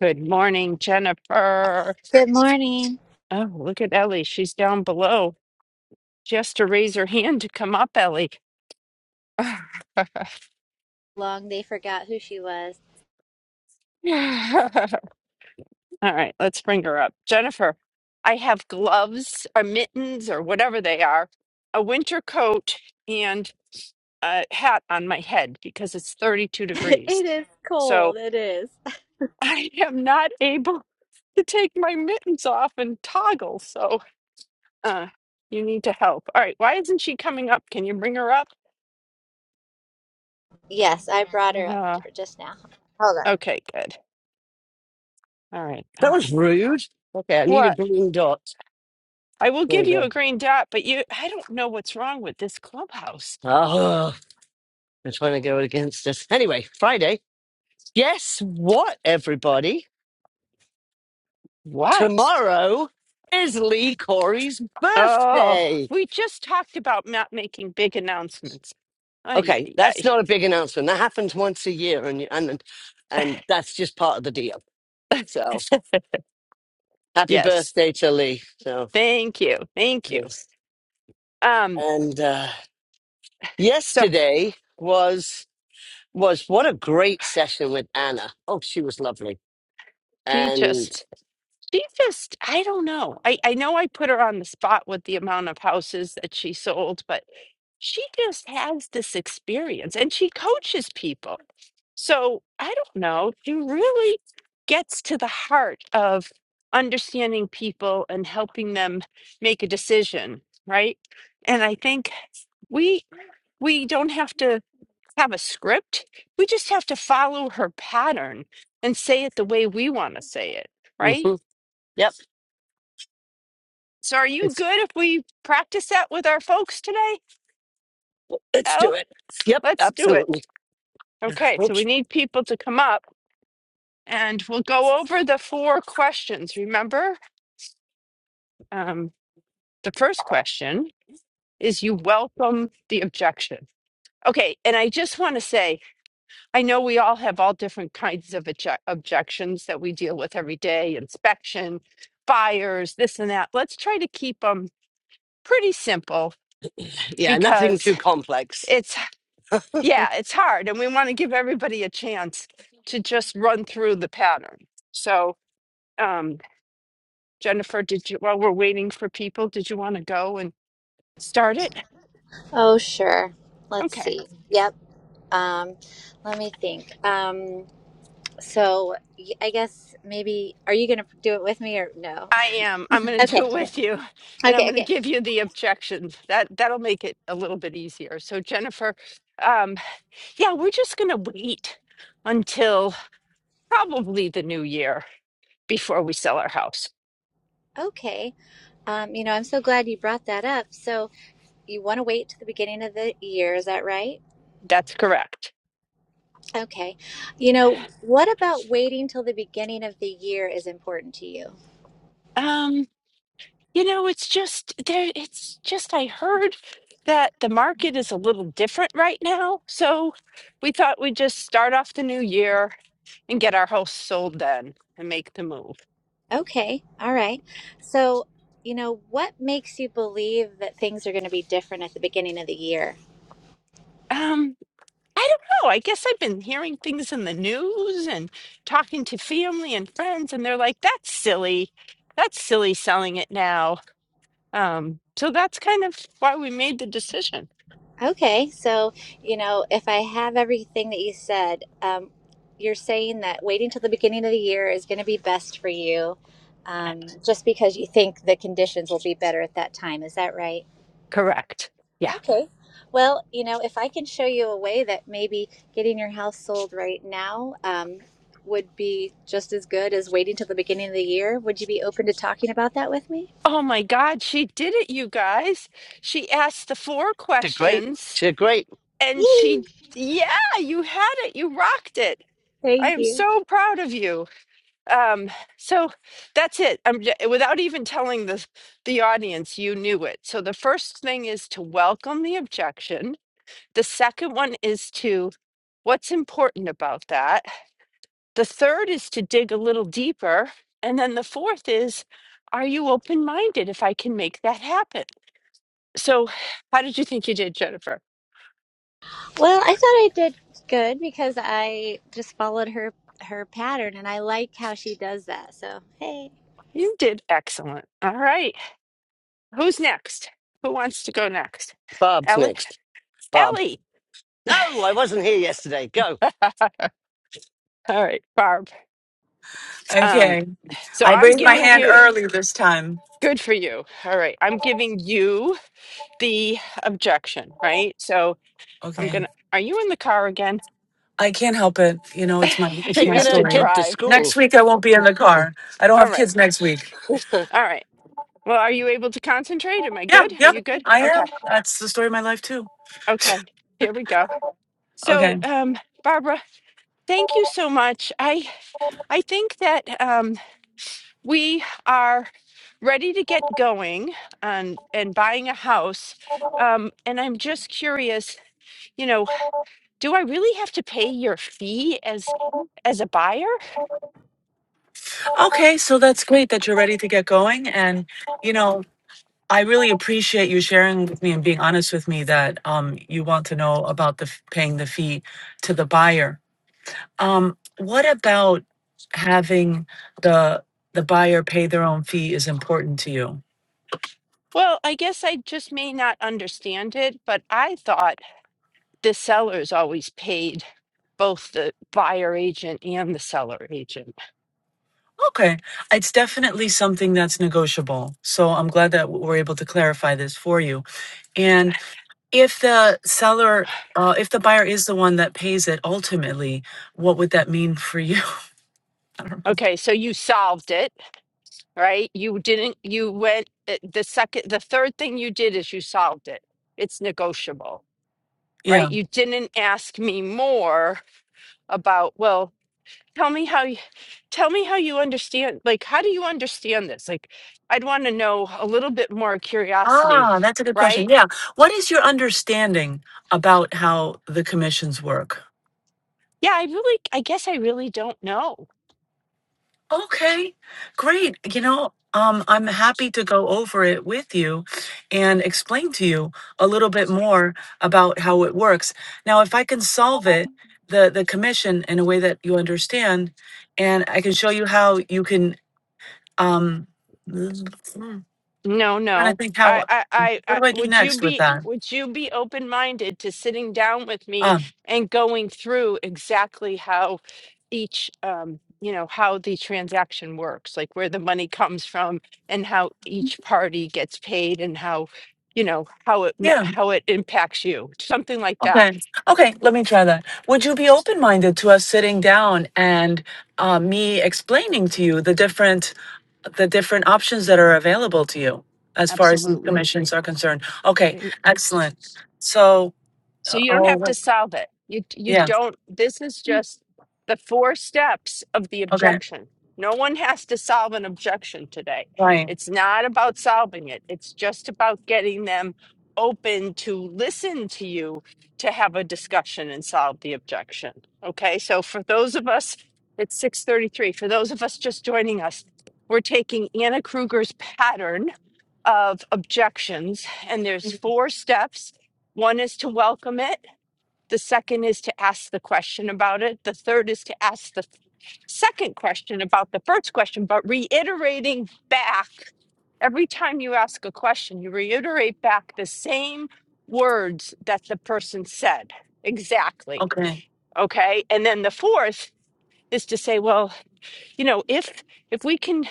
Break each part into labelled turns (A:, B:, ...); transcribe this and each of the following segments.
A: Good morning, Jennifer.
B: Good morning.
A: Oh, look at Ellie. She's down below. She has to raise her hand to come up, Ellie. All
B: Long they forgot who she was.
A: right, let's bring her up. Jennifer, I have gloves or mittens or whatever they are, a winter coat, and a hat on my head because it's 32
B: it
A: degrees.
B: is
A: So
B: cold. It is.
A: I am not able to take my mittens off and toggle. So uh, you need to help. All right, why isn't she coming up? Can you bring her up?
B: Yes, I brought her up
A: Uh,
B: j- just now. Hold on.
A: okay, good. All right.
C: That
A: Um,
C: was rude. Okay, I need a
A: what?
C: green dot.
A: I will
C: There we
A: give you a
C: go.
A: green dot, but you, I don't know what's wrong with this clubhouse.
C: Oh, I'm trying to go against this Anyway, Friday. Guess what, everybody?
A: What?
C: Tomorrow is Lee Corey's
A: Oh,
C: birthday.
A: we just talked about not making big announcements. Ay,
C: Okay,
A: ay,
C: that's not a big announcement. That happens once a year, and and
A: ay.
C: and that's just part of the deal. So happy
A: Yes.
C: birthday to Lee. So
A: Thank you. Thank you.
C: yes.
A: Um,
C: and uh,
A: so
C: yesterday was was what a great session with Anna. Oh, she was lovely.
A: she
C: and.
A: just, she just, I don't know. I, I know I put her on the spot with the amount of houses that she sold, but she just has this experience and she coaches people. So I don't know. She really gets to the heart of understanding people and helping them make a decision, right? And I think we we don't have to have a script. We just have to follow her pattern and say it the way we want to say it, right?
C: hmm Yep.
A: So are you
C: It's
A: good if we practice that with our folks today?
C: let's do
A: Oh,
C: it. Yep,
A: let's do it.
C: absolutely.
A: Okay, so
C: Oops.
A: we need people to come up and we'll go over the four questions, remember? Um, the first question is you welcome the objection. Okay, and I just want to say, I know we all have all different kinds of obje- objections that we deal with every day inspection, fires, this and that. Let's try to keep them pretty simple
C: Yeah, nothing
A: because
C: too complex.
A: it's, yeah, it's hard. And we want to give everybody a chance to just run through the pattern. So, um, Jennifer, did you, while we're waiting for people, did you want to go and start it?
B: Oh, sure. Let's
A: Okay.
B: see. Yep. Um, let me think. Um, so y- I guess maybe are you gonna do it with me or no?
A: I am. I'm going to
B: Okay.
A: do it
B: Okay.
A: with you, and I'm
B: Okay.
A: going to
B: Okay.
A: give you the objections. That that'll make it a little bit easier. So Jennifer, um, yeah, we're just going to wait until probably the new year before we sell our house.
B: Okay. Um, you know, I'm so glad you brought that up. So you want to wait to the beginning of the year? Is that right?
A: That's correct.
B: Okay. You know, what about waiting till the beginning of the year is important to you?
A: Um, you know, it's just there. It's just I heard that the market is a little different right now, so we thought we'd just start off the new year and get our house sold then and make the move.
B: Okay. All right. So, you know, what makes you believe that things are going to be different at the beginning of the year?
A: Um, I don't know. I guess I've been hearing things in the news and talking to family and friends, and they're like, that's silly. That's silly selling it now. Um, so that's kind of why we made the decision.
B: Okay. So, you know, if I have everything that you said, um, you're saying that waiting till the beginning of the year is going to be best for you um, just because you think the conditions will be better at that time. Is that right?
A: Correct. Yeah.
B: Okay. Well, you know, if I can show you a way that maybe getting your house sold right now um, would be just as good as waiting till the beginning of the year, would you be open to talking about that with me?
A: Oh my God, she did it, you guys. She asked the four
C: To great
A: questions
C: to great
A: and she, yeah, you had it. You rocked it. I
B: Thank
A: am
B: you.
A: so proud of you. um so that's it i'm j- without even telling the the audience you knew it so the first thing is to welcome the objection the second one is to what's important about that the third is to dig a little deeper and then the fourth is are you open minded if i can make that happen so how did you think you did jennifer
B: Well, I thought I did good because I just followed her her pattern and I like how she does that. So, hey.
A: you did excellent all right who's next who wants to go next
C: Bob's
A: ellie
C: next. Bob.
A: ellie
C: No, I wasn't here yesterday. Go.
A: all right barb Um.
D: Okay.
A: So
D: I
A: I'm
D: raised my
A: giving
D: hand
A: you,
D: early this time.
A: good for you. All right. I'm giving you the objection, right? So I'm
D: Okay.
A: going to, are you in the car again?
D: I can't help it. You know, it's my it's
A: You
D: my
C: Taking
A: have
C: her
A: to
D: story.
C: kid to
A: drive.
D: Next
C: school.
D: week I won't be in the car. I don't
A: All
D: have
A: right.
D: kids next week.
C: that
A: All right. Well, are you able to concentrate? Am I
D: Yeah,
A: good? Are you
D: yep,
A: good?
D: I
A: Okay.
D: am. That's the story of my life too.
A: Okay. Here we go. So,
D: Okay.
A: um, Barbara, thank you so much. I I think that um, we are ready to get going on and buying a house. Um, and I'm just curious, you know. Do I really have to pay your fee as as a buyer?
D: Okay, so that's great that you're ready to get going and you know, I really appreciate you sharing with me and being honest with me that um you want to know about the f- paying the fee to the buyer Um, what about having the the buyer pay their own fee is important to you?
A: Well, I guess I just may not understand it, but I thought the sellers always paid both the buyer agent and the seller agent.
D: Okay, it's definitely something that's negotiable. So I'm glad that we're able to clarify this for you. And if the seller, uh, if the buyer is the one that pays it ultimately, what would that mean for you? I don't-
A: Okay, so you solved it, right? You didn't you went uh, the second the third thing you did is you solved it. It's negotiable, right?
D: yeah.
A: You didn't ask me more about, well, tell me how you tell me how you understand like how do you understand this like i'd want to know a little bit more curiosity
D: Ah, that's a good question.
A: right
D: Yeah. What is your understanding about how the commissions work?
A: yeah i really i guess i really don't know
D: Okay, great. You know, um, I'm happy to go over it with you and explain to you a little bit more about how it works. Now, if I can solve it, the the commission in a way that you understand, and I can show you how you can um mm, mm,
A: No,
D: trying to
A: no.
D: think
A: I,
D: how
A: I, I,
D: what
A: I
D: do I do
A: would you
D: next with
A: be
D: that?
A: would you be open-minded to sitting down with me
D: Um,
A: and going through exactly how each um you know how the transaction works, like where the money comes from and how each party gets paid and how you know how it ma-
D: yeah,
A: how it impacts you, something like that.
D: okay. Okay, let me try that. Would you be open-minded to us sitting down and uh, me explaining to you the different the different options that are available to you as far as these
A: Absolutely.
D: commissions are concerned. Okay, excellent. So,
A: So
D: uh,
A: you don't
D: oh,
A: have to
D: what-
A: solve it. You you
D: yeah,
A: don't this is just the four steps of the
D: okay,
A: objection. No one has to solve an objection today.
D: right,
A: It's not about solving it. It's just about getting them open to listen to you to have a discussion and solve the objection. Okay? So for those of us it's 6:33. For those of us just joining us, we're taking Anna Kruger's pattern of objections and there's four steps one is to welcome it. The second is to ask the question about it. The third is to ask the second question about the first question, but reiterating back every time you ask a question, you reiterate back the same words that the person said exactly.
D: okay,
A: Okay. And then the fourth is to say, well, you know, if if we can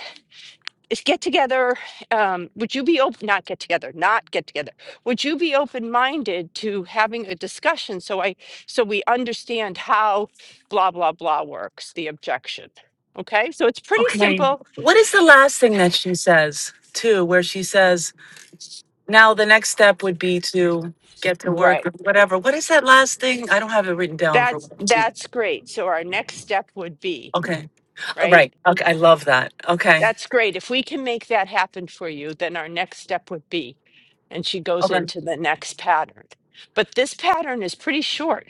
A: is get together um, would you be open not get together not get together would you be open minded to having a discussion so i so we understand how blah blah blah works the objection okay so it's pretty
D: okay.
A: simple
D: What is the last thing that she says too, where she says, now the next step would be to get to work,
A: right
D: whatever. What is that last thing? I don't have it written down for
A: that's
D: what reason.
A: that's great so our next step would be
D: Okay, all
A: right
D: right, okay, I love that. Okay,
A: that's great if we can make that happen for you then our next step would be and she goes
D: okay,
A: into the next pattern but this pattern is pretty short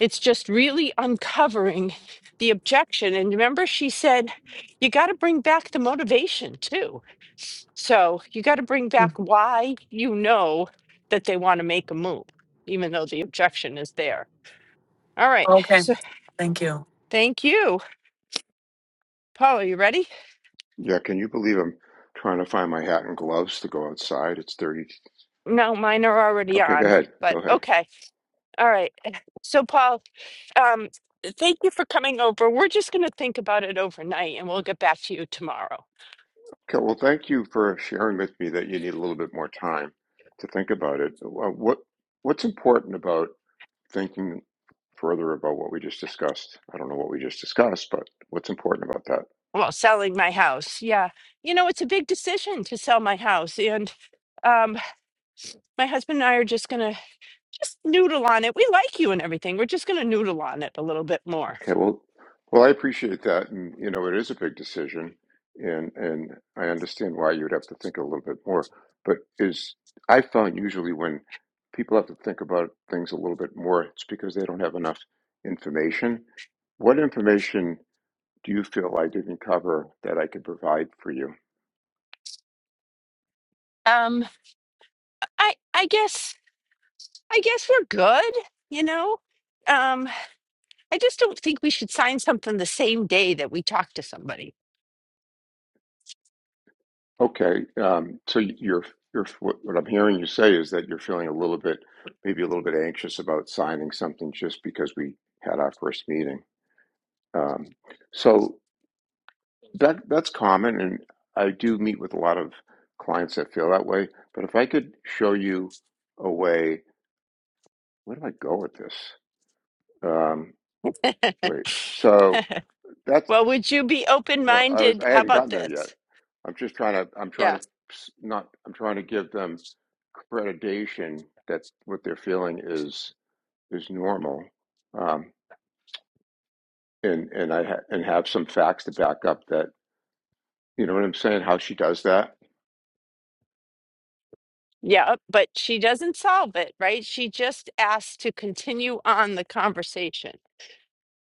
A: It's just really uncovering the objection. And remember, she said, you got to bring back the motivation too. So you got to bring
D: mm,
A: back why you know that they want to make a move, even though the objection is there. All right.
D: okay,
A: So
D: thank you.
A: thank you. Paul, are you ready?
E: Yeah, can you believe I'm trying to find my hat and gloves to go outside? It's 30.
A: No, mine are already
E: Okay, go
A: on,
E: ahead. Go
A: but
E: ahead.
A: okay. All right. So, Paul, um, thank you for coming over. We're just going to think about it overnight and we'll get back to you tomorrow.
E: Okay, well, thank you for sharing with me that you need a little bit more time to think about it. Uh, What what's important about thinking further about what we just discussed? I don't know what we just discussed, but what's important about that?
A: well selling my house yeah you know it's a big decision to sell my house and um my husband and i are just gonna just noodle on it we like you and everything we're just gonna noodle on it a little bit more
E: Okay, well, well, I appreciate that, and you know, it is a big decision, and and I understand why you'd have to think a little bit more. But is I found usually when people have to think about things a little bit more, it's because they don't have enough information. What information do you feel I didn't cover that I could provide for you?
A: um i i guess i guess we're good you know um i just don't think we should sign something the same day that we talk to somebody
E: Okay, um, so you're you're what what I'm hearing you say is that you're feeling a little bit, maybe a little bit anxious about signing something just because we had our first meeting. Um, so that that's common, and I do meet with a lot of clients that feel that way. But if I could show you a way, where do I go with this? Um, wait, so that's
A: well would you be
E: well, I was
A: open-minded
E: I
A: how
E: hadn't
A: about
E: gotten there yet.
A: this
E: I'm just trying to I'm trying
A: yeah
E: to s- not I'm trying to give them accreditation that what they're feeling is is normal, um, and and I ha- and have some facts to back up that you know what I'm saying. How she does that.
A: yeah but she doesn't solve it right she just asks to continue on the conversation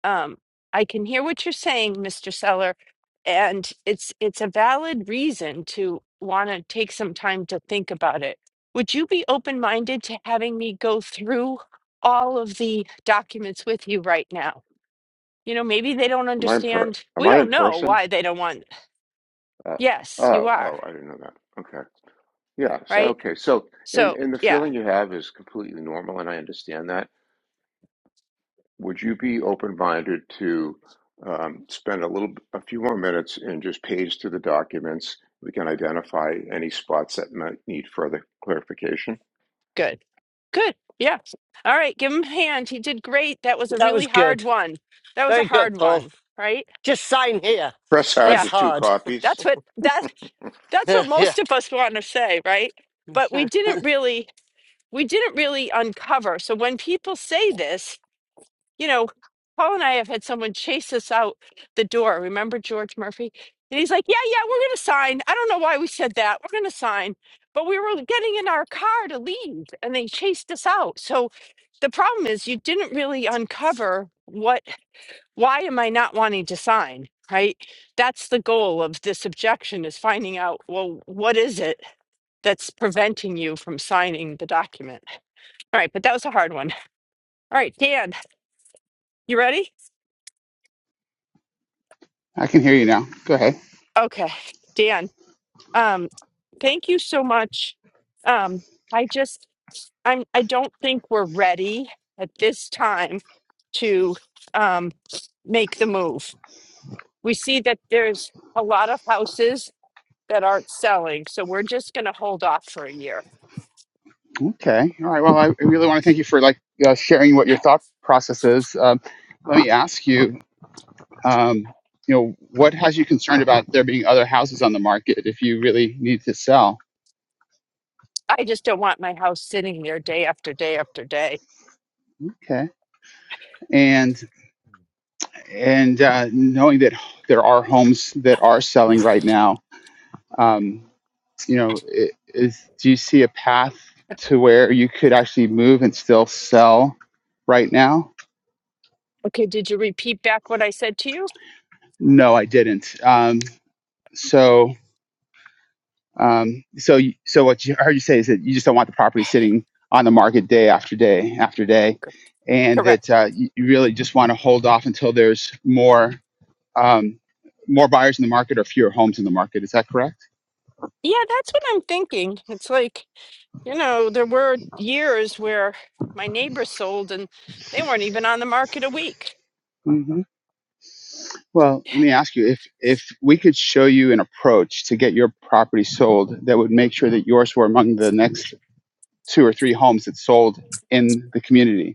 A: um, I can hear what you're saying, Mr. Seller, and it's it's a valid reason to want to take some time to think about it. Would you be open-minded to having me go through all of the documents with you right now? You know, maybe they don't
E: Am I in per?
A: understand.
E: Am
A: We
E: I in
A: don't know
E: person?
A: why they don't want.
E: Oh,
A: Yes, you
E: oh,
A: are,
E: oh! I didn't know that. Okay, yeah. So
A: right?
E: okay, so and
A: So,
E: and the
A: yeah,
E: feeling you have is completely normal, and I understand that. Would you be open-minded to um, spend a little, a few more minutes and just page through the documents? We can identify any spots that might need further clarification.
A: good. Good. Yeah. All right, give him a hand. He did great. That was a
C: was
A: really hard
C: good.
A: one. That was a
C: Very good,
A: hard
C: Paul.
A: one, right?
C: Just sign here.
E: Press hard.
A: Yeah.
C: Press
E: There's two
C: hard.
E: copies.
A: That's what that that's
C: Yeah.
A: what most of us want to say right but we
C: yeah.
A: didn't really we didn't really uncover so when people say this you know paul and i have had someone chase us out the door remember george murphy and he's like yeah yeah we're going to sign i don't know why we said that we're going to sign but we were getting in our car to leave and they chased us out so the problem is you didn't really uncover what why am i not wanting to sign right that's the goal of this objection is finding out well what is it that's preventing you from signing the document. All right, but that was a hard one. All right, Dan, you ready?
F: I can hear you now. Go ahead.
A: Okay, Dan. Um, thank you so much. Um, I just, I'm, I don't think we're ready at this time to um, make the move. We see that there's a lot of houses that aren't selling, so we're just going to hold off for a year.
F: Okay. All right. Well, I really want to thank you for like uh, sharing what your thought process is. Um, let me ask you, um, you know, what has you concerned about there being other houses on the market if you really need to sell?
A: I just don't want my house sitting there day after day after day.
F: Okay. And and uh, knowing that there are homes that are selling right now, um, you know, i- is do you see a path to where you could actually move and still sell right now?
A: Okay, did you repeat back what I said to you?
F: No, I didn't. Um, so Um, so, you- so what you, I heard you say is that you just don't want the property sitting on the market day after day after day, and
A: Correct.
F: that uh, you you really just want to hold off until there's more um, more buyers in the market or fewer homes in the market. Is that correct?
A: Yeah, that's what I'm thinking. It's like, you know, there were years where my neighbors sold and they weren't even on the market a week.
F: hmm Well, let me ask you if if we could show you an approach to get your property sold that would make sure that yours were among the next two or three homes that sold in the community,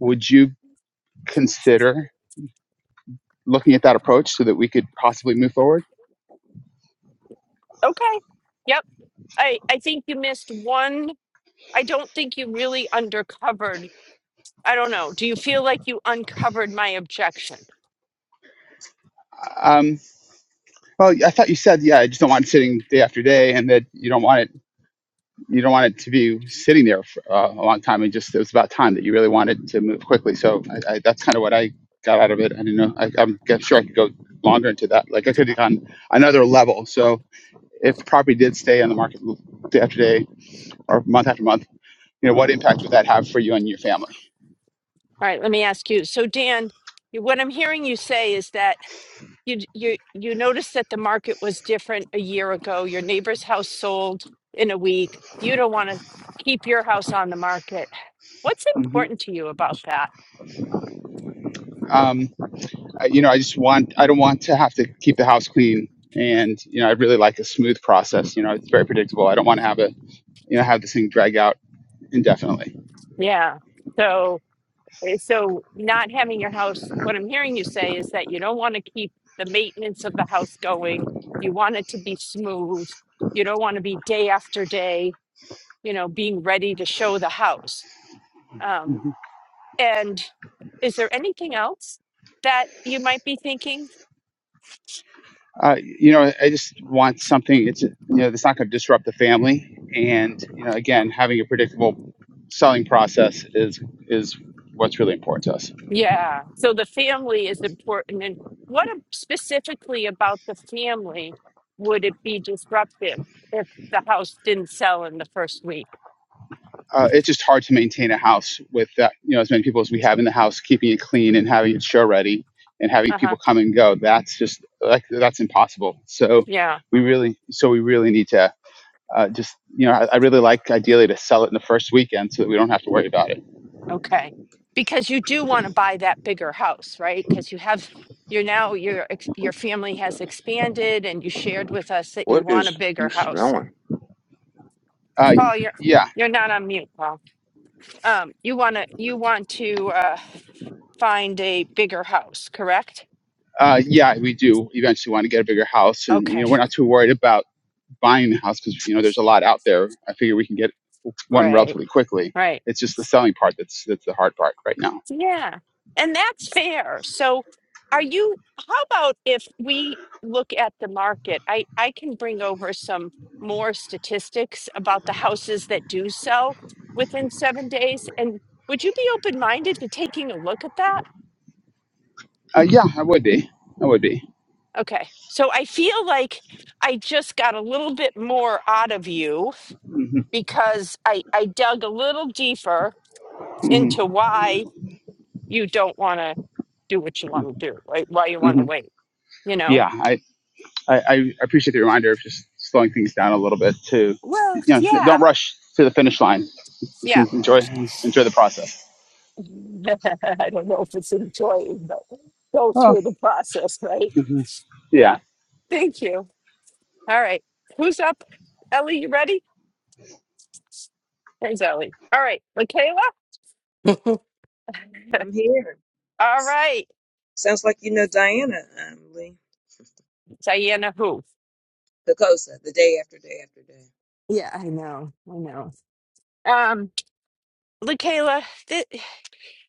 F: would you consider looking at that approach so that we could possibly move forward?
A: Okay. Yep. I, I think you missed one. I don't think you really undercovered. I don't know. Do you feel like you uncovered my objection?
F: Um, Well, I thought you said, yeah, I just don't want it sitting day after day, and that you don't want it, you don't want it to be sitting there for uh, a long time. And just it was about time that you really wanted to move quickly. So I, I, that's kind of what I got out of it. I didn't know. I, I'm g- sure I could go longer into that. Like I could have gone another level. So if the property did stay on the market day after day or month after month, you know, what impact would that have for you and your family?
A: All right, let me ask you. So, Dan, you- what I'm hearing you say is that you d- you you noticed that the market was different a year ago. Your neighbor's house sold in a week. You don't want to keep your house on the market. What's
F: Mhm.
A: important to you about that?
F: I, you know, I just want, I don't want to have to keep the house clean. And, you know, I really like a smooth process. You know, it's very predictable. I don't want to have a, you know, have this thing drag out indefinitely.
A: Yeah. So eh, so not having your house, what I'm hearing you say is that you don't want to keep the maintenance of the house going. You want it to be smooth. You don't want to be day after day, you know, being ready to show the house. Um.
F: hmm
A: And is there anything else that you might be thinking?
F: Uh, you know, I just want something, it's, you know, that's not going to disrupt the family. And, you know, again, having a predictable selling process is, is what's really important to us.
A: Yeah. So the family is important. And what ab- specifically about the family would it be disruptive if the house didn't sell in the first week?
F: uh, it's just hard to maintain a house with that, you know, as many people as we have in the house, keeping it clean and having it show ready and having
A: Uh huh.
F: people come and go. That's just like that's impossible. So
A: Yeah.
F: we really, so we really need to uh, just, you know, I, I really like ideally to sell it in the first weekend so that we don't have to worry about it.
A: Okay. Because you do want to buy that bigger house, right? Because you have. You're now your ex- your family has expanded, and you shared with us that you
E: What
A: want a
E: is you
A: bigger house.
E: smelling?
F: Uh,
A: Oh, you're
F: yeah,
A: you're not on mute, Paul. Um, you want to you want to uh find a bigger house, correct?
F: uh, yeah, we do eventually want to get a bigger house, and you
A: Okay.
F: know, we're not too worried about buying the house because you know there's a lot out there. I figure we can get one
A: Right.
F: relatively quickly.
A: Right.
F: It's just the selling part that's that's the hard part right now.
A: Yeah. And that's fair. So are you how about if we look at the market? I I can bring over some more statistics about the houses that do sell within 7 days and would you be open-minded to taking a look at that?
F: Uh, yeah, I would be. I would be.
A: Okay. So I feel like I just got a little bit more out of you
F: hmm
A: because I, I dug a little deeper
F: hmm
A: into why you don't want to do what you want to do, right? Why you want
F: hmm
A: to wait, you know?
F: Yeah, I, I, I appreciate the reminder of just slowing things down a little bit to,
A: Well,
F: you know,
A: yeah,
F: don't rush to the finish line. Just
A: yeah.
F: en- enjoy, enjoy the process.
A: I don't know if it's enjoying, but go
F: Oh,
A: through the process, right?
F: mhm.
A: Yeah.
F: yeah.
A: Thank you. All right. Who's up? Ellie, you ready? There's Ellie. All right. Michaela?
G: I'm here.
A: All
G: S-
A: right.
G: Sounds like you know Diana, um, Lee.
A: Diana, who?
G: Picosa, the day after day after day.
A: Yeah, I know. I know. Um, Lakayla,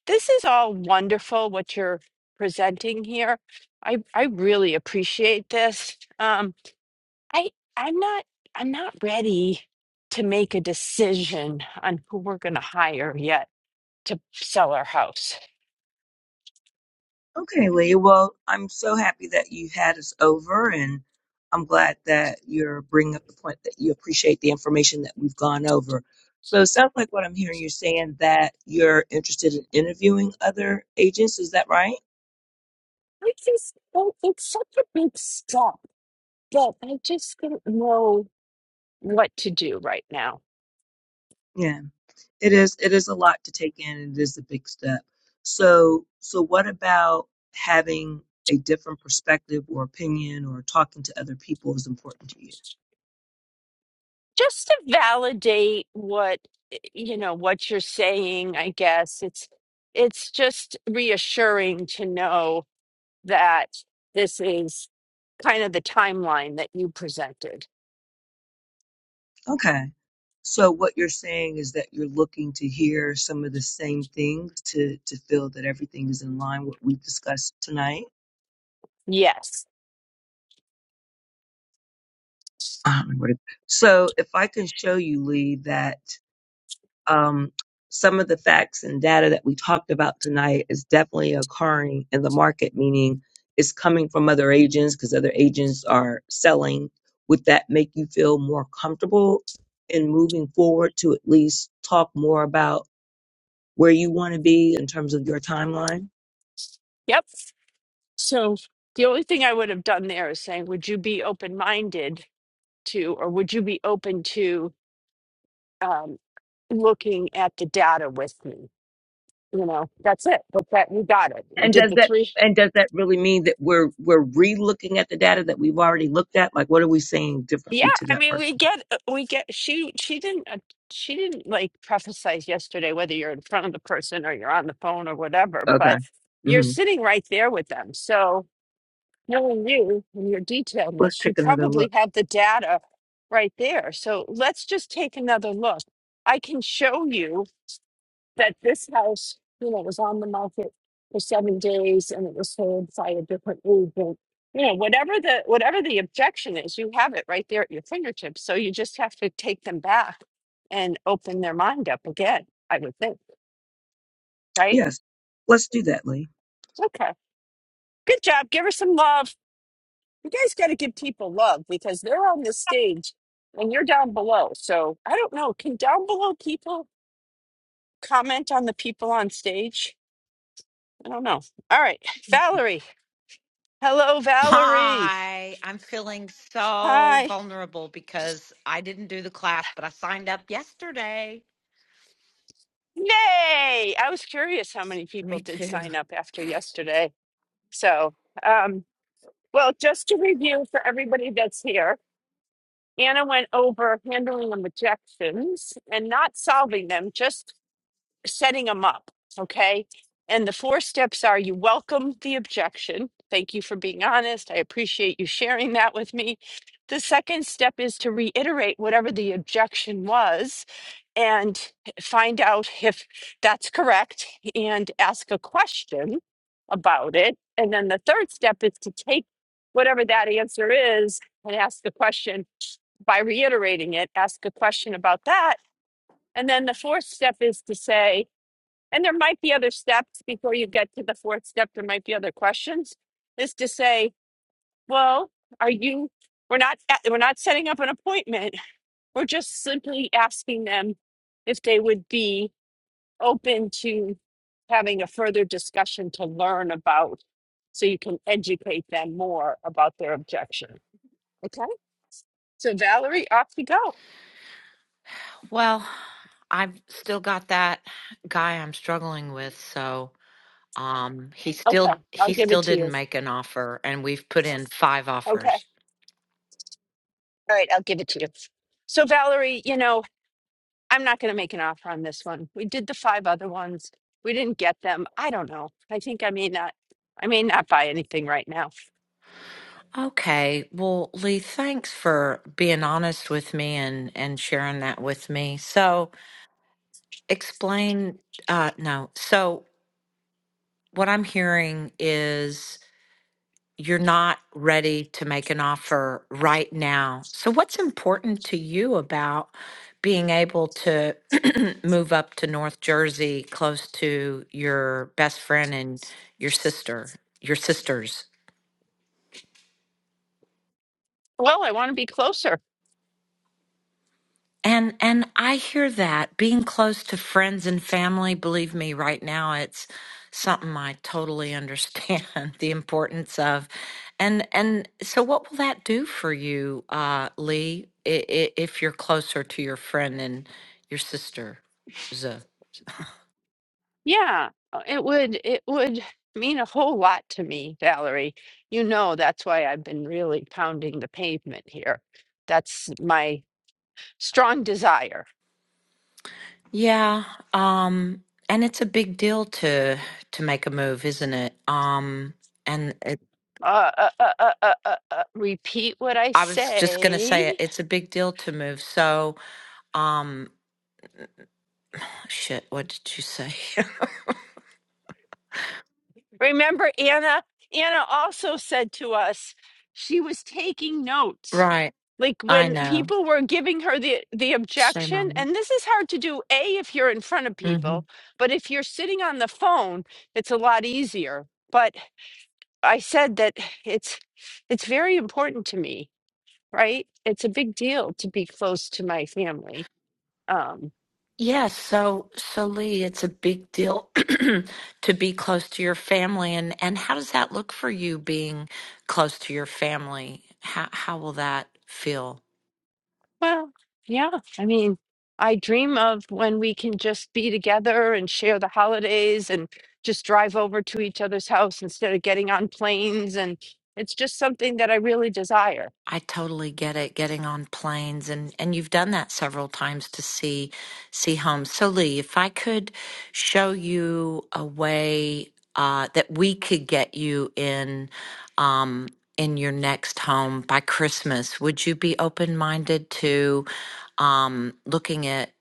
A: This is all wonderful what you're presenting here. I I really appreciate this. Um, I I'm not I'm not ready to make a decision on who we're going to hire yet to sell our house.
G: Okay, Lee. Well, I'm so happy that you had us over, and I'm glad that you're bringing up the point that you appreciate the information that we've gone over. So it sounds like what I'm hearing you're saying that you're interested in interviewing other agents. Is that right?
A: I just oh, it's such a big step, but I just don't know what to do right now.
G: Yeah. It is it is a lot to take in and it is a big step. So so what about having a different perspective or opinion or talking to other people is important to you?
A: Just to validate what eh, you know what you're saying, I guess it's it's just reassuring to know that this is kind of the timeline that you presented.
G: Okay. So what you're saying is that you're looking to hear some of the same things to to feel that everything is in line what we discussed tonight.
A: Yes.
G: Um, what it- So if I can show you, Lee, that um, some of the facts and data that we talked about tonight is definitely occurring in the market, meaning it's coming from other agents because other agents are selling. Would that make you feel more comfortable in moving forward to at least talk more about where you want to be in terms of your timeline?
A: Yep. So the only thing I would have done there is saying, would you be open minded to, or would you be open to um, looking at the data with me? You know, that's it. But that we got it. You
G: And
A: did
G: does
A: the
G: that
A: three.
G: and does that really mean that we're we're re-looking at the data that we've already looked at? Like, what are we saying
A: Yeah,
G: differently to
A: I
G: that
A: mean, we
G: person?
A: get, we get. She, she didn't, uh, she didn't like prophesize yesterday whether you're in front of the person or you're on the phone or whatever. But
G: Okay,
A: you're
G: hmm
A: sitting right there with them, so knowing you and your
G: let's
A: detailedness, you
G: take another look.
A: probably have the data right there. So let's just take another look. I can show you that this house, you know, was on the market for seven days and it was sold by a different agent. You know, whatever the whatever the objection is, you have it right there at your fingertips. So you just have to take them back and open their mind up again, I would think, right?
G: Yes. Let's do that, Lee.
A: Okay. Good job. Give her some love. You guys got to give people love because they're on the stage and you're down below. So I don't know. Can down below people comment on the people on stage? I don't know. All right. Valerie. Hello, Valerie.
H: Hi, I'm feeling so
A: Hi.
H: vulnerable because I didn't do the class, but I signed up yesterday.
A: Nay. I was curious how many people
H: Me
A: did
H: too.
A: sign up after yesterday. So, um, well, just to review for everybody that's here, Anna went over handling objections and not solving them, just setting them up. Okay. And the four steps are you welcome the objection. Thank you for being honest. I appreciate you sharing that with me. The second step is to reiterate whatever the objection was and find out if that's correct and ask a question about it. And then the third step is to take whatever that answer is and ask the question by reiterating it, ask a question about that. And then the fourth step is to say, and there might be other steps before you get to the fourth step. There might be other questions. Is to say, well, are you? We're not. We're not setting up an appointment. We're just simply asking them if they would be open to having a further discussion to learn about, so you can educate them more about their objection. Okay. So Valerie, off you go.
H: Well, I've still got that guy I'm struggling with, so um he
A: Okay,
H: still
A: I'll
H: he
A: give it
H: still
A: to
H: didn't
A: you.
H: make an offer and we've put in five
A: Okay.
H: offers.
A: All right, I'll give it to you. So Valerie, you know I'm not going to make an offer on this one. We did the five other ones. We didn't get them. I don't know. I think I may not. I may not buy anything right now.
H: Okay, well, Lee, thanks for being honest with me and and sharing that with me. So, explain uh no. So, what I'm hearing is you're not ready to make an offer right now. So, what's important to you about being able to move up to North Jersey close to your best friend and your sister, your sisters?
A: Well, I want to be closer.
H: And and I hear that being close to friends and family, believe me, right now it's something I totally understand the importance of. And and so what will that do for you, uh, Lee, i- i- if you're closer to your friend and your sister? Zo?
A: Yeah, uh, it would. It would mean a whole lot to me, Valerie. You know that's why I've been really pounding the pavement here. That's my strong desire.
H: Yeah, um, and it's a big deal to to make a move, isn't it? Um, and it,
A: Uh, uh, uh, uh, uh, uh, uh, repeat what I
H: I was just gonna say it,
A: say.
H: it's a big deal to move. So, um. Shit, what did you say?
A: Remember, Anna? Anna also said to us she was taking notes.
H: right.
A: Like
H: I
A: when
H: know.
A: people were giving her the, the
H: Shame
A: objection,
H: on me.
A: and this is hard to do, A, if you're in front of
H: hmm
A: people, but if you're sitting on the phone, it's a lot easier. But I said that it's it's very important to me, right? It's a big deal to be close to my family. Um,
H: Yeah, so so Lee, it's a big deal to be close to your family and and how does that look for you being close to your family? How how will that feel?
A: Well, yeah. I mean, I dream of when we can just be together and share the holidays and just drive over to each other's house instead of getting on planes. And it's just something that I really desire.
H: I totally get it getting on planes and and you've done that several times to see see homes. So Lee, if I could show you a way uh, that we could get you in um, in your next home by Christmas, would you be open minded to um, looking at?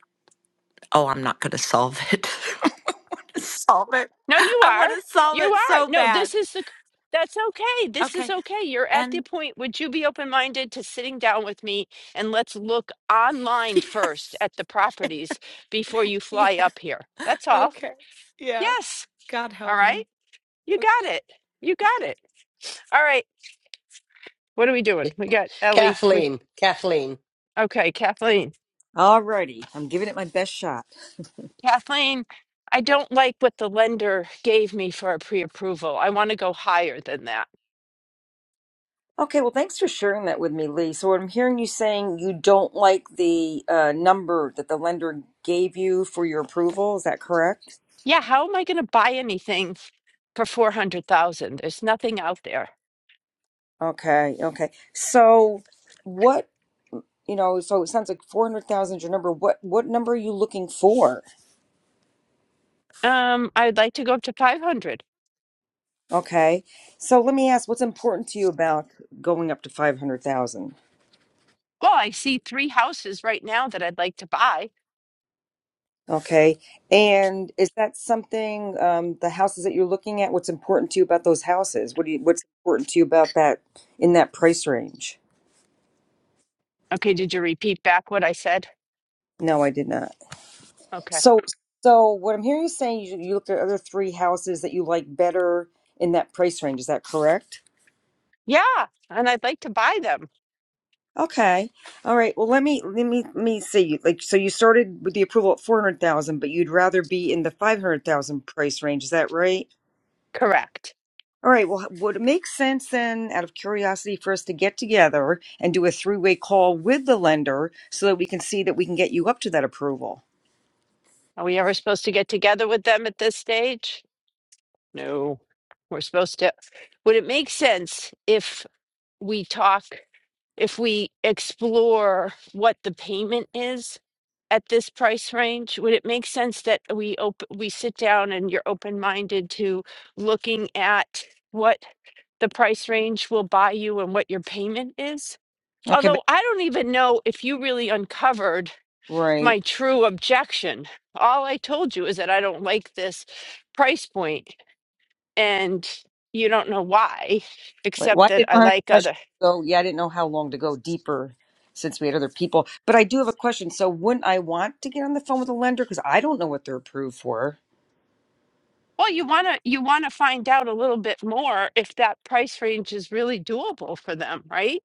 H: Oh, I'm not going to solve it. I want to solve it.
A: No, you
H: I
A: are.
H: want to solve
A: You
H: it
A: are.
H: so
A: No,
H: bad.
A: this is the, that's okay. This is
H: Okay,
A: okay. You're at the
H: and
A: point. Would you be open minded to sitting down with me and let's look online first at the
H: yes.
A: properties before you
H: Yeah.
A: fly up here? That's all.
H: Okay. Yeah.
A: Yes.
H: God
A: All
H: help
A: right.
H: me.
A: You got it. You got it. All right. What are we doing? We got Ellie. We
C: Kathleen. Kathleen.
A: okay, Kathleen.
I: Alrighty, I'm giving it my best shot.
A: Kathleen, I don't like what the lender gave me for a pre-approval. I want to go higher than that.
I: Okay, well, thanks for sharing that with me, Lee. So, what I'm hearing you saying you don't like the uh, number that the lender gave you for your approval. Is that correct?
A: Yeah, how am I going to buy anything for 400,000? There's nothing out there.
I: Okay, okay. So, what you know? So it sounds like four hundred thousand is your number. What what number are you looking for?
A: Um, I'd like to go up to 500.
I: Okay, so let me ask, what's important to you about going up to five hundred thousand?
A: Well, I see three houses right now that I'd like to buy.
I: Okay. And is that something, um, the houses that you're looking at, what's important to you about those houses? What do you, what's important to you about that in that price range?
A: Okay, did you repeat back what I said?
I: No, I did not.
A: Okay.
I: So, so what I'm hearing you saying, you, you looked at other three houses that you like better in that price range. Is that correct?
A: Yeah, and I'd like to buy them.
I: Okay. All right. Well, let me, let me, let me see. Like, so you started with the approval at 400,000, but you'd rather be in the 500,000 price range. Is that right?
A: Correct.
I: All right. Well, would it make sense then, out of curiosity, for us to get together and do a three-way call with the lender so that we can see that we can get you up to that approval?
A: Are we ever supposed to get together with them at this stage? No, we're supposed to. Would it make sense if we talk, if we explore what the payment is at this price range? Would it make sense that we op we sit down and you're open-minded to looking at what the price range will buy you and what your payment is?
I: Okay, but
A: Although I don't even know if you really uncovered
I: right,
A: my true objection. All I told you is that I don't like this price point and you don't know why
I: right.
A: except
I: Well, I
A: that
I: didn't know
A: i
I: how many
A: like
I: questions
A: other
I: to go. Yeah, I didn't know how long to go deeper since we had other people. But I do have a question. So, wouldn't I want to get on the phone with the lender because I don't know what they're approved for?
A: well you want to you want to find out a little bit more if that price range is really doable for them right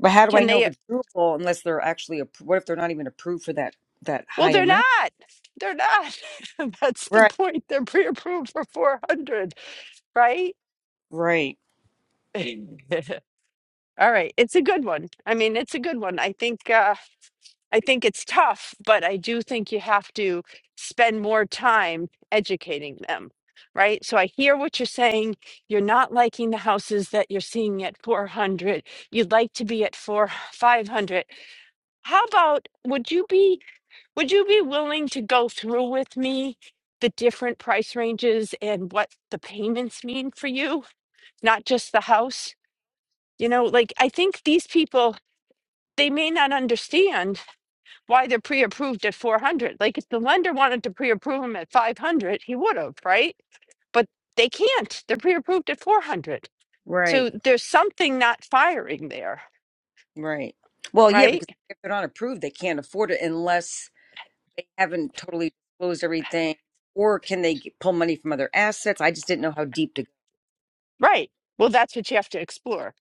I: But how do I
A: can
I: know if
A: they
I: it's doable unless they're actually? appro- What if they're not even approved for that that high
A: well they're
I: amount?
A: not they're not that's the
I: Right,
A: point they're pre-approved for 400 right
I: right,
A: all right it's a good one i mean it's a good one i think uh I think it's tough, but I do think you have to spend more time educating them, right? So I hear what you're saying. You're not liking the houses that you're seeing at 400. You'd like to be at 4 500. How about would you be would you be willing to go through with me the different price ranges and what the payments mean for you, not just the house? You know, like I think these people they may not understand why they're pre-approved at 400. Like if the lender wanted to pre-approve them at 500, he would have, right? But they can't. They're pre-approved at 400.
I: right.
A: So there's something not firing there,
I: Right. Well, yeah,
A: right?
I: because if they're not approved, they can't afford it unless they haven't totally disclosed everything. Or can they get, pull money from other assets? I just didn't know how deep to go.
A: Right. Well, that's what you have to explore.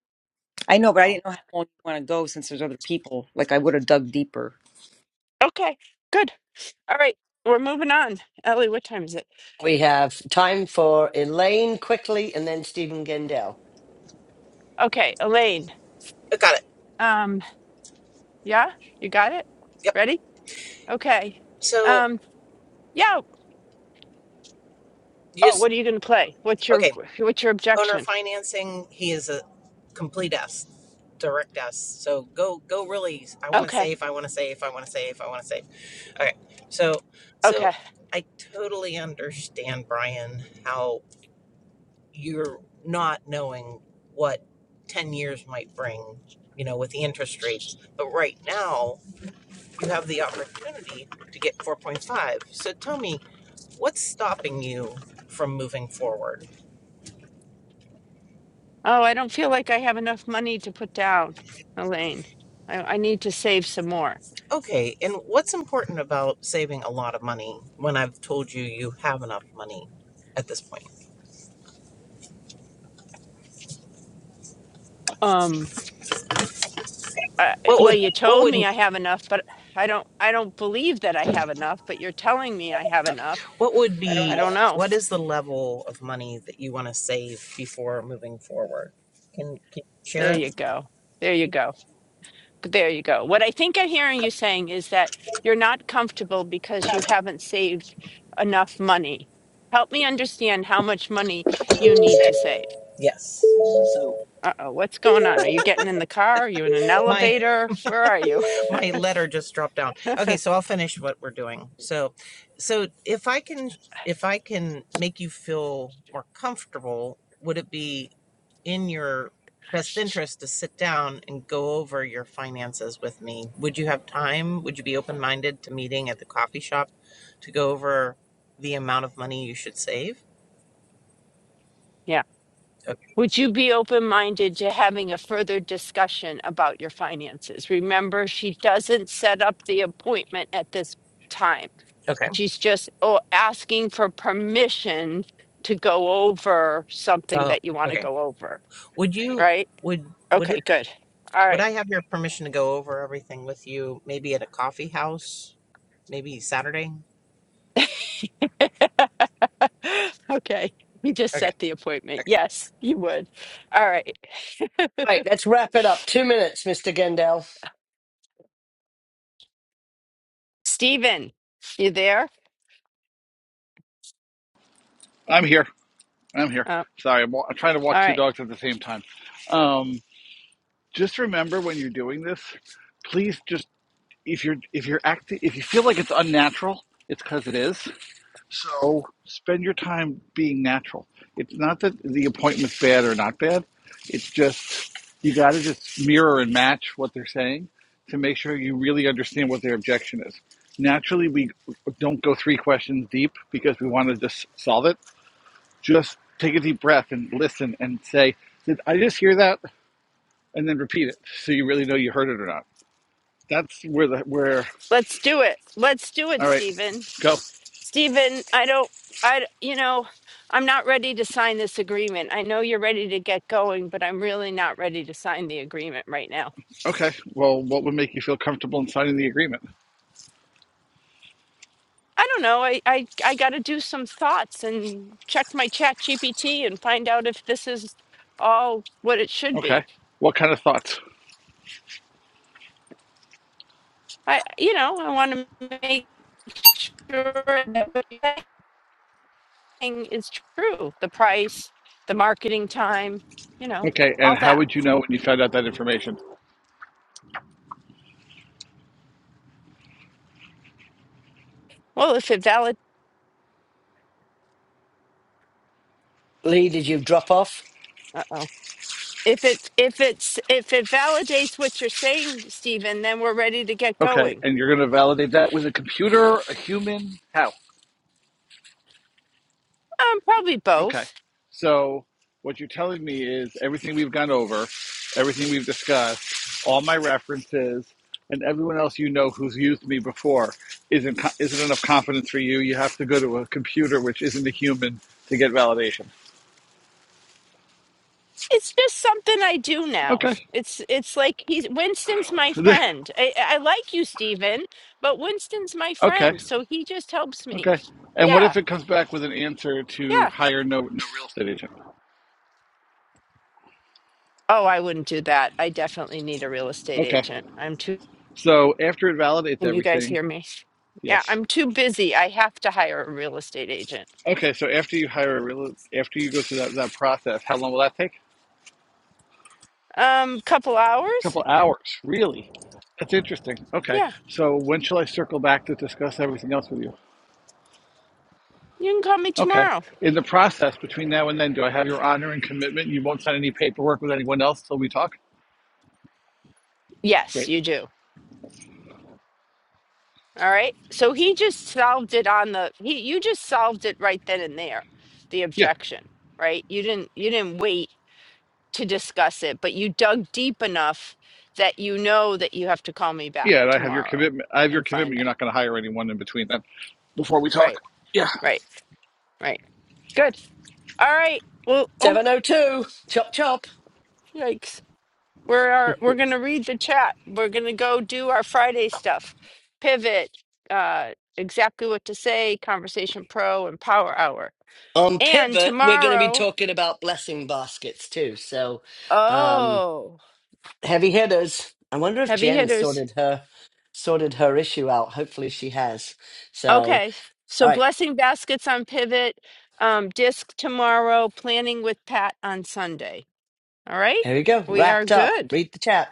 I: I know, but I
A: Uh-oh.
I: didn't know how long you want to go since there's other people. Like I would have dug deeper.
A: Okay. Good. All right. We're moving on. Ellie, what time is it?
C: We have time for Elaine quickly and then Stephen Gendel. All
A: Okay, Elaine.
J: Uh, Got it.
A: Um, yeah, you got it?
J: Yep.
A: Ready? Okay.
J: So
A: Um, yeah.
J: you
A: Oh,
J: just
A: what are you going to play? What's your
J: okay.
A: what's your
J: Owner
A: objection?
J: financing. He is a complete S, direct S. So go go really. I want to
A: Okay.
J: save. I want to save. I want to save. I want to save. Okay. So
A: Okay.
J: so I totally understand Brian how you're not knowing what ten years might bring. You know, with the interest rates, but right now you have the opportunity to get 4.5. So tell me. what's stopping you from moving forward?
A: Oh, I don't feel like I have enough money to put down, Elaine. I, I need to save some more.
J: Okay, and what's important about saving a lot of money when I've told you you have enough money at this point?
A: Um, uh,
J: What
A: well,
J: would
A: you
J: what
A: told
J: would
A: me I have enough, but I don't. I don't believe that I have enough. But you're telling me I have enough.
J: what would be I don't be
A: I
J: know.
A: don't know.
J: what is the level of money that you want to save before moving forward? Can can you share
A: There
J: it?
A: you go. There you go. There you go. What I think I'm hearing you saying is that you're not comfortable because you haven't saved enough money. Help me understand how much money you need to save.
J: Yes.
A: Uh-oh, what's going on? Are you getting in the car? Are you in an
J: my.
A: elevator? Where are you?
J: my letter just dropped down. Okay, so I'll finish what we're doing. So, so if I can, if I can make you feel more comfortable, would it be in your best interest to sit down and go over your finances with me? Would you have time? Would you be open minded to meeting at the coffee shop to go over the amount of money you should save?
A: Yeah.
J: Okay.
A: Would you be open minded to having a further discussion about your finances? Remember, she doesn't set up the appointment at this time.
J: Okay.
A: She's just oh, asking for permission to go over something
J: Oh,
A: that you want to
J: okay.
A: go over,
J: Would you?
A: right?
J: Would would it?
A: Okay, good. All
J: Would
A: right.
J: I have your permission to go over everything with you? Maybe at a coffee house Maybe Saturday?
A: okay. You just
J: Okay.
A: set the appointment.
J: okay.
A: Yes, you would. All right.
C: right, let's wrap it up. Two minutes, Mr. Gendel.
A: Stephen, you there?
K: I'm here. I'm here.
A: Oh, all
K: Sorry, I'm, I'm trying to walk two
A: right.
K: dogs at the same time. Um, just remember when you're doing this, please just if you're if you're acting if you feel like it's unnatural, it's because it is. So spend your time being natural. It's not that the appointment's bad or not bad. It's just you got to just mirror and match what they're saying to make sure you really understand what their objection is. Naturally, we don't go three questions deep because we want to just solve it just take a deep breath and listen and say, "Did I just hear that?" And then repeat it so you really know you heard it or not. That's where the where.
A: Let's do it. Let's do it,
K: All right,
A: Stephen.
K: go.
A: Stephen, I don't, I, you know, I'm not ready to sign this agreement. I know you're ready to get going, but I'm really not ready to sign the agreement right now.
K: Okay. Well, what would make you feel comfortable in signing the agreement?
A: I don't know. I, I, I got to do some thoughts and check my chat GPT and find out if this is all what it should be.
K: Okay. What kind of thoughts?
A: I, you know, I want to make sure that what you're saying is true. The price, the marketing time, you know,
K: Okay. And
A: all
K: how
A: that.
K: would you know when you found out that information?
A: Well, if it valid,
C: Lee, did you drop off?
A: uh-oh. If it if it's if it validates what you're saying, Stephen, then we're ready to get
K: Okay.
A: going.
K: And you're going to validate that with a computer, a human? How?
A: Um, probably
K: Okay.
A: both.
K: So what you're telling me is everything we've gone over, everything we've discussed, all my references, and everyone else you know who's used me before isn't isn't enough confidence for you. You have to go to a computer, which isn't a human, to get validation.
A: It's just something I do now.
K: Okay.
A: It's it's like he's Winston's my friend. I, I like you, Stephen, but Winston's my
K: okay.
A: friend, so he just helps me.
K: Okay. And what if
A: Yeah,
K: it comes back with an answer to
A: yeah.
K: hire no, no real estate agent?
A: Oh, I wouldn't do that. I definitely need a real estate
K: Okay.
A: agent. I'm too.
K: So after it validates
A: Can you guys
K: everything,
A: hear me? Yeah,
K: yes.
A: I'm too busy. I have to hire a real estate agent.
K: Okay. So after you hire a real, after you go through that, that process, how long will that take?
A: Um, couple
K: A
A: hours.
K: couple hours, really. That's interesting. Okay.
A: Yeah,
K: So when shall I circle back to discuss everything else with you?
A: you can call me
K: Okay.
A: tomorrow.
K: In the process between now and then, do I have your honor and commitment? You won't sign any paperwork with anyone else till we talk?
A: Yes,
K: Great.
A: you do. All right. So he just solved it on the he you just solved it right then and there, the
K: Yeah.
A: objection, right? You didn't you didn't wait to discuss it, but you dug deep enough that you know that you have to call me
K: Yeah,
A: back
K: and I have your
A: tomorrow
K: commitment. I have your
A: and
K: commitment.
A: find
K: You're
A: out.
K: not going to hire anyone in between then before we talk.
A: Right.
K: yeah.
A: Right. Right. Good. All right. Well, oh
C: 702, chop chop.
A: yikes. We're our, we're gonna read the chat. We're gonna go do our Friday stuff. Pivot, uh, exactly what to say, conversation pro and power hour
C: On
A: And
C: Pivot, we're going to be
A: tomorrow,
C: talking about blessing baskets too. So, um,
A: oh,
C: heavy hitters. I wonder if
A: heavy
C: Jen
A: hitters.
C: sorted her sorted her issue out. Hopefully she has. So,
A: Okay. So
C: all right,
A: blessing baskets on pivot, um, disc tomorrow, planning with Pat on Sunday. All right.
C: here we go.
A: We are
C: Wrapped up.
A: good.
C: Read the chat.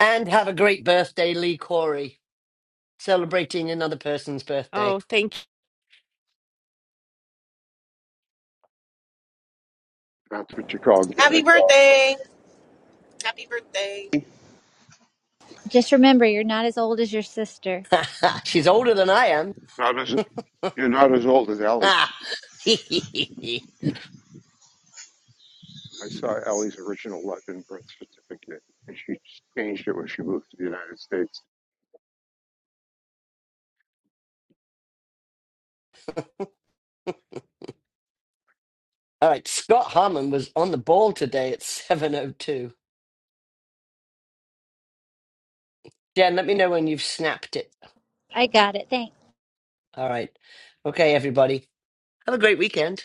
C: And have a great birthday, Lee Corey. Celebrating another person's birthday.
A: Oh, thank
E: That's what you call giving.
J: Happy birthday. Happy birthday.
B: Just remember you're not as old as your sister.
C: She's older than I am.
E: Not as you're not as old as Ellie.
C: Ah.
E: I saw Ellie's original London birth certificate, and she changed it when she moved to the United States.
C: All right, Scott Harmon was on the ball today at 7.02. Jen, let me know when you've snapped it.
B: I got it. Thanks.
C: All right. Okay, everybody. Have a great weekend.